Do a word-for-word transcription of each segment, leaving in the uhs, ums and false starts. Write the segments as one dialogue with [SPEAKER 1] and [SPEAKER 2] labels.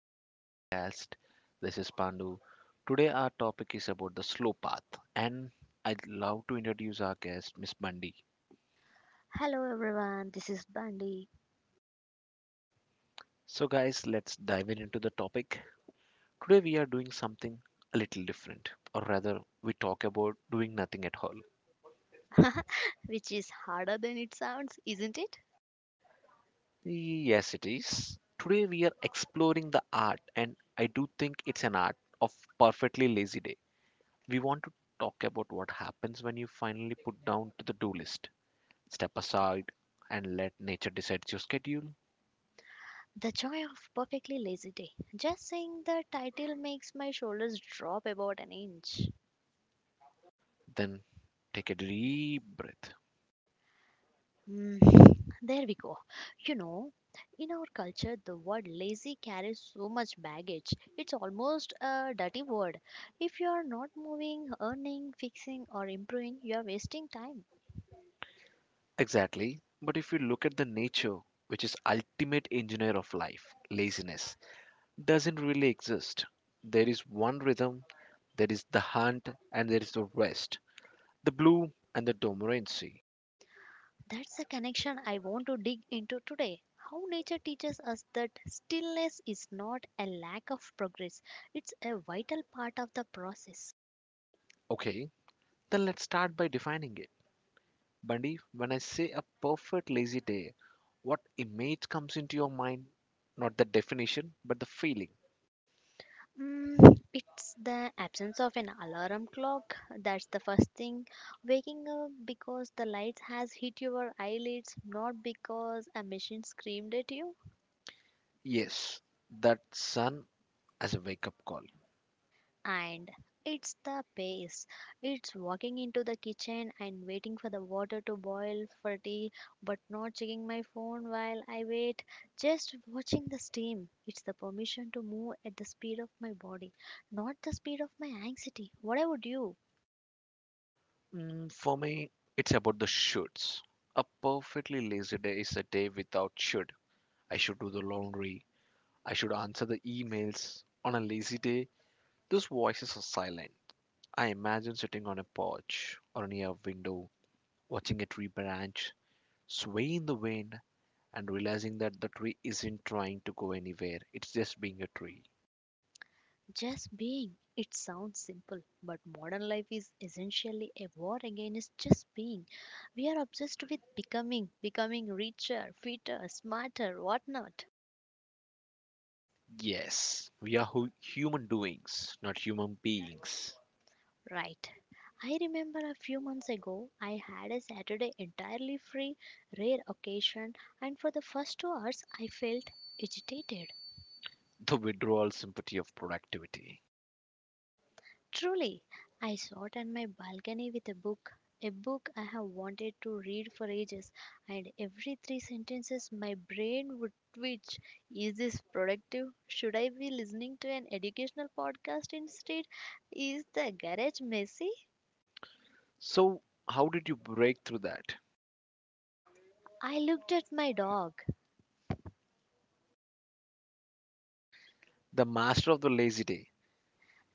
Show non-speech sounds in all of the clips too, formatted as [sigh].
[SPEAKER 1] back to the podcast. This is Pandu. Today our topic is about the slow path and I'd love to introduce our guest Miss Bundy.
[SPEAKER 2] Hello everyone, this is Bundy.
[SPEAKER 1] So guys, let's dive in into the topic. Today we are doing something a little different or rather we talk about doing nothing at all.
[SPEAKER 2] [laughs] Which is harder than it sounds, isn't it?
[SPEAKER 1] Yes, it is. Today we are exploring the art and I do think it's an art of perfectly lazy day. We want to talk about what happens when you finally put down to the do list. Step aside and let nature decide your schedule.
[SPEAKER 2] The joy of perfectly lazy day. Just saying the title makes my shoulders drop about an inch.
[SPEAKER 1] Then take a deep breath.
[SPEAKER 2] Hmm, there we go. You know, in our culture, the word lazy carries so much baggage. It's almost a dirty word. If you are not moving, earning, fixing, or improving, you are wasting time.
[SPEAKER 1] Exactly. But if you look at the nature, which is ultimate engineer of life, laziness doesn't really exist. There is one rhythm, there is the hunt, and there is the rest, the blue and the dormancy.
[SPEAKER 2] That's the connection I want to dig into today. How nature teaches us that stillness is not a lack of progress, it's a vital part of the process.
[SPEAKER 1] Okay, then let's start by defining it. Bundy, when I say a perfect lazy day, what image comes into your mind? Not the definition, but the feeling.
[SPEAKER 2] Mm, it's the absence of an alarm clock. That's the first thing. Waking up because the lights has hit your eyelids, not because a machine screamed at you.
[SPEAKER 1] Yes, that sun as a wake up call.
[SPEAKER 2] And it's the pace. It's walking into the kitchen and waiting for the water to boil for tea, but not checking my phone while I wait. Just watching the steam. It's the permission to move at the speed of my body, not the speed of my anxiety. What I would do,
[SPEAKER 1] Mm, for me, it's about the shoulds. A perfectly lazy day is a day without should. I should do the laundry. I should answer the emails. On a lazy day, those voices are silent. I imagine sitting on a porch or near a window, watching a tree branch sway in the wind and realizing that the tree isn't trying to go anywhere. It's just being a tree.
[SPEAKER 2] just being. It sounds simple, but modern life is essentially a war against just being. We are obsessed with becoming, becoming richer, fitter, smarter, whatnot.
[SPEAKER 1] Yes, we are hu- human doings, not human beings.
[SPEAKER 2] Right. I remember a few months ago I had a Saturday entirely free, rare occasion, and for the first two hours I felt agitated.
[SPEAKER 1] The withdrawal sympathy of productivity.
[SPEAKER 2] Truly, I sat on my balcony with a book, a book I have wanted to read for ages, and every three sentences my brain would twitch. Is this productive? Should I be listening to an educational podcast instead? Is the garage messy?
[SPEAKER 1] So, how did you break through that?
[SPEAKER 2] I looked at my dog.
[SPEAKER 1] The master of the lazy day.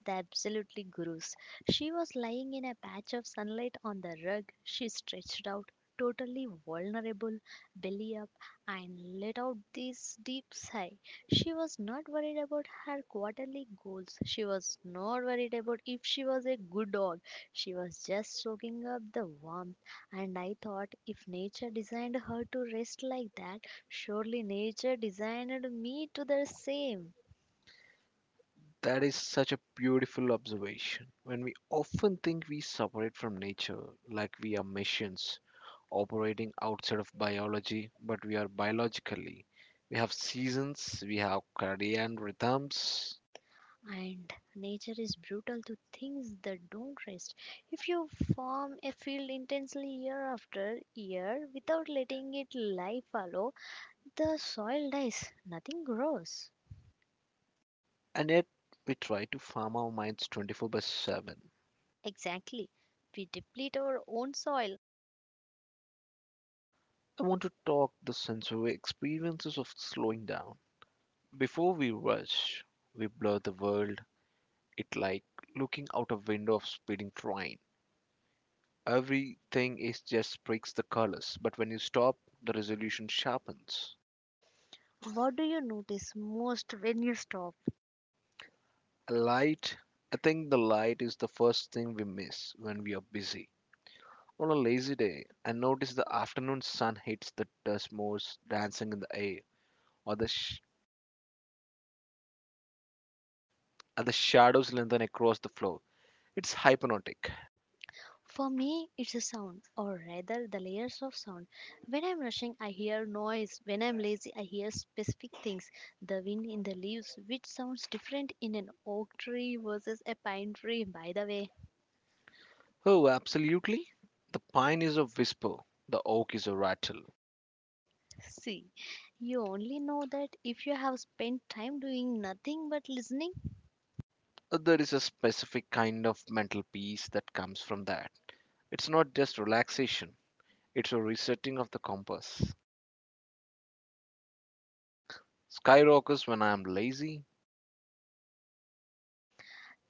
[SPEAKER 2] The absolutely gurus. She was lying in a patch of sunlight on the rug. She stretched out, totally vulnerable, belly up, and let out this deep sigh. She was not worried about her quarterly goals. She was not worried about if she was a good dog. She was just soaking up the warmth. And I thought, if nature designed her to rest like that, surely nature designed me to the same.
[SPEAKER 1] That is such a beautiful observation. When we often think we separate from nature, like we are machines operating outside of biology, but we are biologically. We have seasons, we have circadian rhythms,
[SPEAKER 2] And nature is brutal to things that don't rest. If you farm a field intensely year after year without letting it lie fallow, the soil dies, nothing grows.
[SPEAKER 1] and yet we try to farm our minds twenty-four by seven.
[SPEAKER 2] Exactly. We deplete our own soil.
[SPEAKER 1] I want to talk the sensory experiences of slowing down. Before we rush, we blur the world. It like looking out a window of speeding train. Everything is just breaks the colors, but when you stop, the resolution sharpens.
[SPEAKER 2] What do you notice most when you stop?
[SPEAKER 1] A light, I think the light is the first thing we miss when we are busy. On a lazy day, I notice the afternoon sun hits the dust motes dancing in the air, or the sh- or the shadows lengthen across the floor. It's hypnotic.
[SPEAKER 2] For me, it's a sound, or rather the layers of sound. When I'm rushing, I hear noise. When I'm lazy, I hear specific things. The wind in the leaves, which sounds different in an oak tree versus a pine tree, by the way.
[SPEAKER 1] Oh, absolutely. The pine is a whisper, the oak is a rattle.
[SPEAKER 2] [laughs] See, you only know that if you have spent time doing nothing but listening.
[SPEAKER 1] Uh, there is a specific kind of mental peace that comes from that. It's not just relaxation, it's a resetting of the compass. Skyrockets when I am lazy?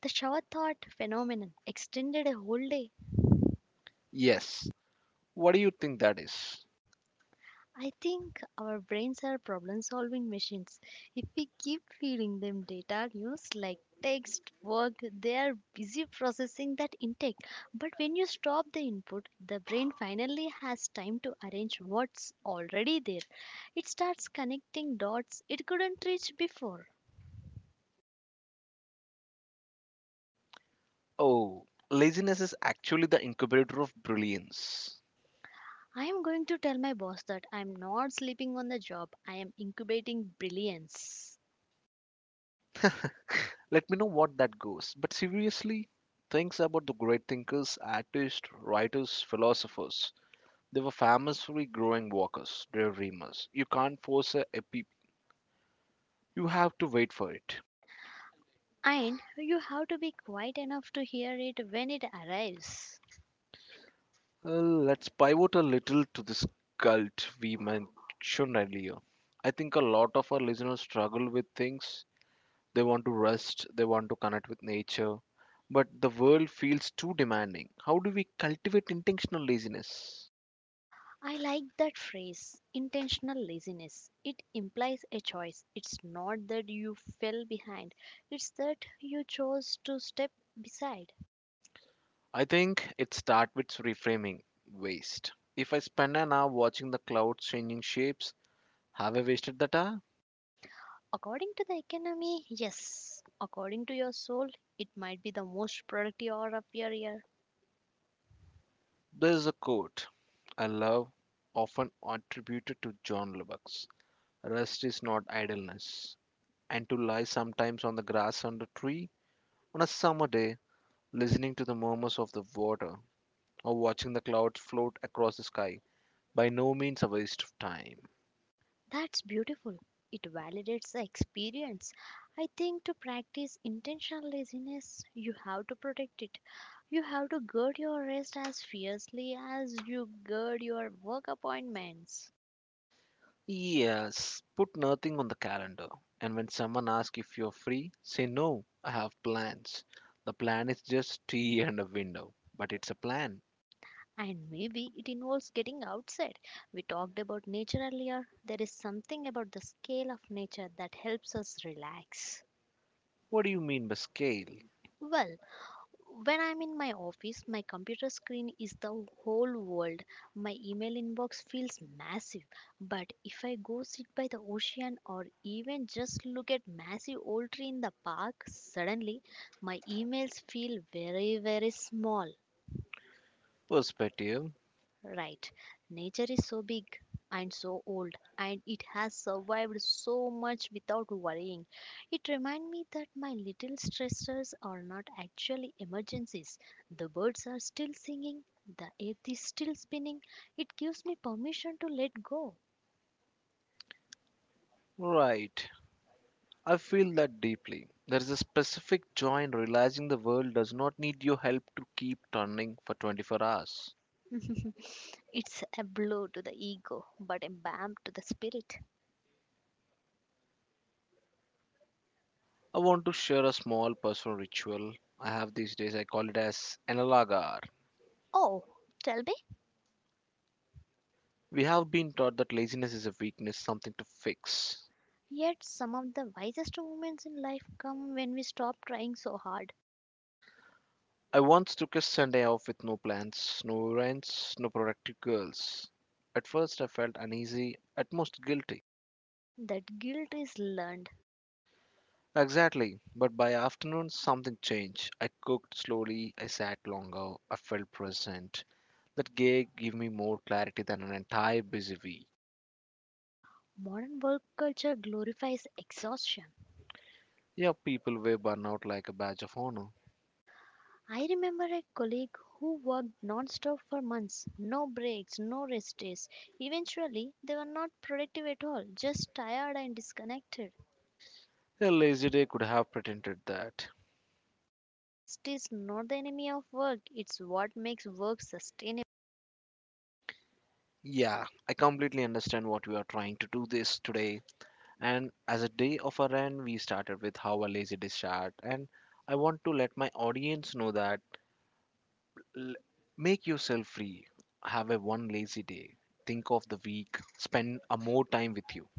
[SPEAKER 2] The shower thought phenomenon extended a whole day.
[SPEAKER 1] Yes. What do you think that is?
[SPEAKER 2] I think our brains are problem solving machines. If we keep feeding them data news like text, work, they are busy processing that intake. But when you stop the input, the brain finally has time to arrange what's already there. It starts connecting dots it couldn't reach before.
[SPEAKER 1] Oh, laziness is actually the incubator of brilliance.
[SPEAKER 2] I am going to tell my boss that I am not sleeping on the job, I am incubating brilliance.
[SPEAKER 1] [laughs] Let me know what that goes. But seriously, things about the great thinkers, artists, writers, philosophers. They were famously growing walkers, daydreamers. You can't force a epi. You have to wait for it.
[SPEAKER 2] And you have to be quiet enough to hear it when it arrives.
[SPEAKER 1] Well, let's pivot a little to this cult we mentioned earlier. I think a lot of our listeners struggle with things. They want to rest, they want to connect with nature, but the world feels too demanding. How do we cultivate intentional laziness?
[SPEAKER 2] I like that phrase, intentional laziness. It implies a choice. It's not that you fell behind, it's that you chose to step beside.
[SPEAKER 1] I think it starts with reframing waste. If I spend an hour watching the clouds changing shapes, have I wasted that hour?
[SPEAKER 2] According to the economy, yes. According to your soul, it might be the most productive hour of your year.
[SPEAKER 1] There's a quote I love, often attributed to John Lubbock. Rest is not idleness. And to lie sometimes on the grass under a tree on a summer day, listening to the murmurs of the water or watching the clouds float across the sky, by no means a waste of time.
[SPEAKER 2] That's beautiful. It validates the experience. I think to practice intentional laziness, you have to protect it. You have to guard your rest as fiercely as you guard your work appointments.
[SPEAKER 1] Yes, put nothing on the calendar. And when someone asks if you're free, say no, I have plans. The plan is just tea [laughs] and a window, but it's a plan.
[SPEAKER 2] And maybe it involves getting outside. We talked about nature earlier. There is something about the scale of nature that helps us relax.
[SPEAKER 1] What do you mean by scale?
[SPEAKER 2] Well, when I'm in my office, my computer screen is the whole world. My email inbox feels massive. But if I go sit by the ocean or even just look at massive old tree in the park, suddenly my emails feel very, very small.
[SPEAKER 1] Perspective.
[SPEAKER 2] Right. Nature is so big and so old, and it has survived so much without worrying. It reminds me that my little stressors are not actually emergencies. The birds are still singing, the earth is still spinning. It gives me permission to let go.
[SPEAKER 1] Right. I feel that deeply. There is a specific joy in realizing the world does not need your help to keep turning for twenty-four hours.
[SPEAKER 2] [laughs] It's a blow to the ego, but a balm to the spirit.
[SPEAKER 1] I want to share a small personal ritual I have these days. I call it as analagar.
[SPEAKER 2] Oh, tell me,
[SPEAKER 1] We have been taught that laziness is a weakness, something to fix.
[SPEAKER 2] yet some of the wisest moments in life come when we stop trying so hard.
[SPEAKER 1] I once took a Sunday off with no plans, no errands, no productive girls. At first, I felt uneasy, at most guilty.
[SPEAKER 2] That guilt is learned.
[SPEAKER 1] Exactly. But by afternoon, something changed. I cooked slowly, I sat longer, I felt present. That gig gave me more clarity than an entire busy week.
[SPEAKER 2] Modern work culture glorifies exhaustion.
[SPEAKER 1] Yeah, people wear burnout like a badge of honor.
[SPEAKER 2] I remember a colleague who worked non-stop for months, no breaks, no rest days. Eventually, they were not productive at all, just tired and disconnected.
[SPEAKER 1] A lazy day could have pretended that.
[SPEAKER 2] Rest is not the enemy of work, it's what makes work sustainable.
[SPEAKER 1] Yeah, I completely understand what we are trying to do this today. And as a day of our end, we started with how a lazy day start. And I want to let my audience know that L- make yourself free. Have a one lazy day. Think of the week. Spend a more time with you.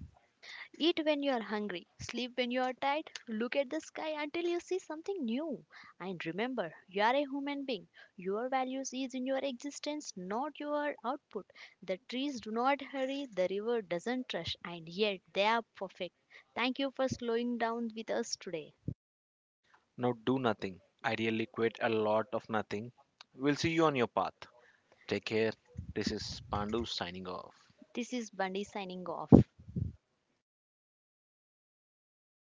[SPEAKER 2] Eat when you are hungry, sleep when you are tired, look at the sky until you see something new. And remember, you are a human being. Your values is in your existence, not your output. The trees do not hurry, the river doesn't rush, and yet they are perfect. Thank you for slowing down with us today.
[SPEAKER 1] Now do nothing. Ideally, quit a lot of nothing. We'll see you on your path. Take care. This is Pandu signing off.
[SPEAKER 2] This is Bundy signing off.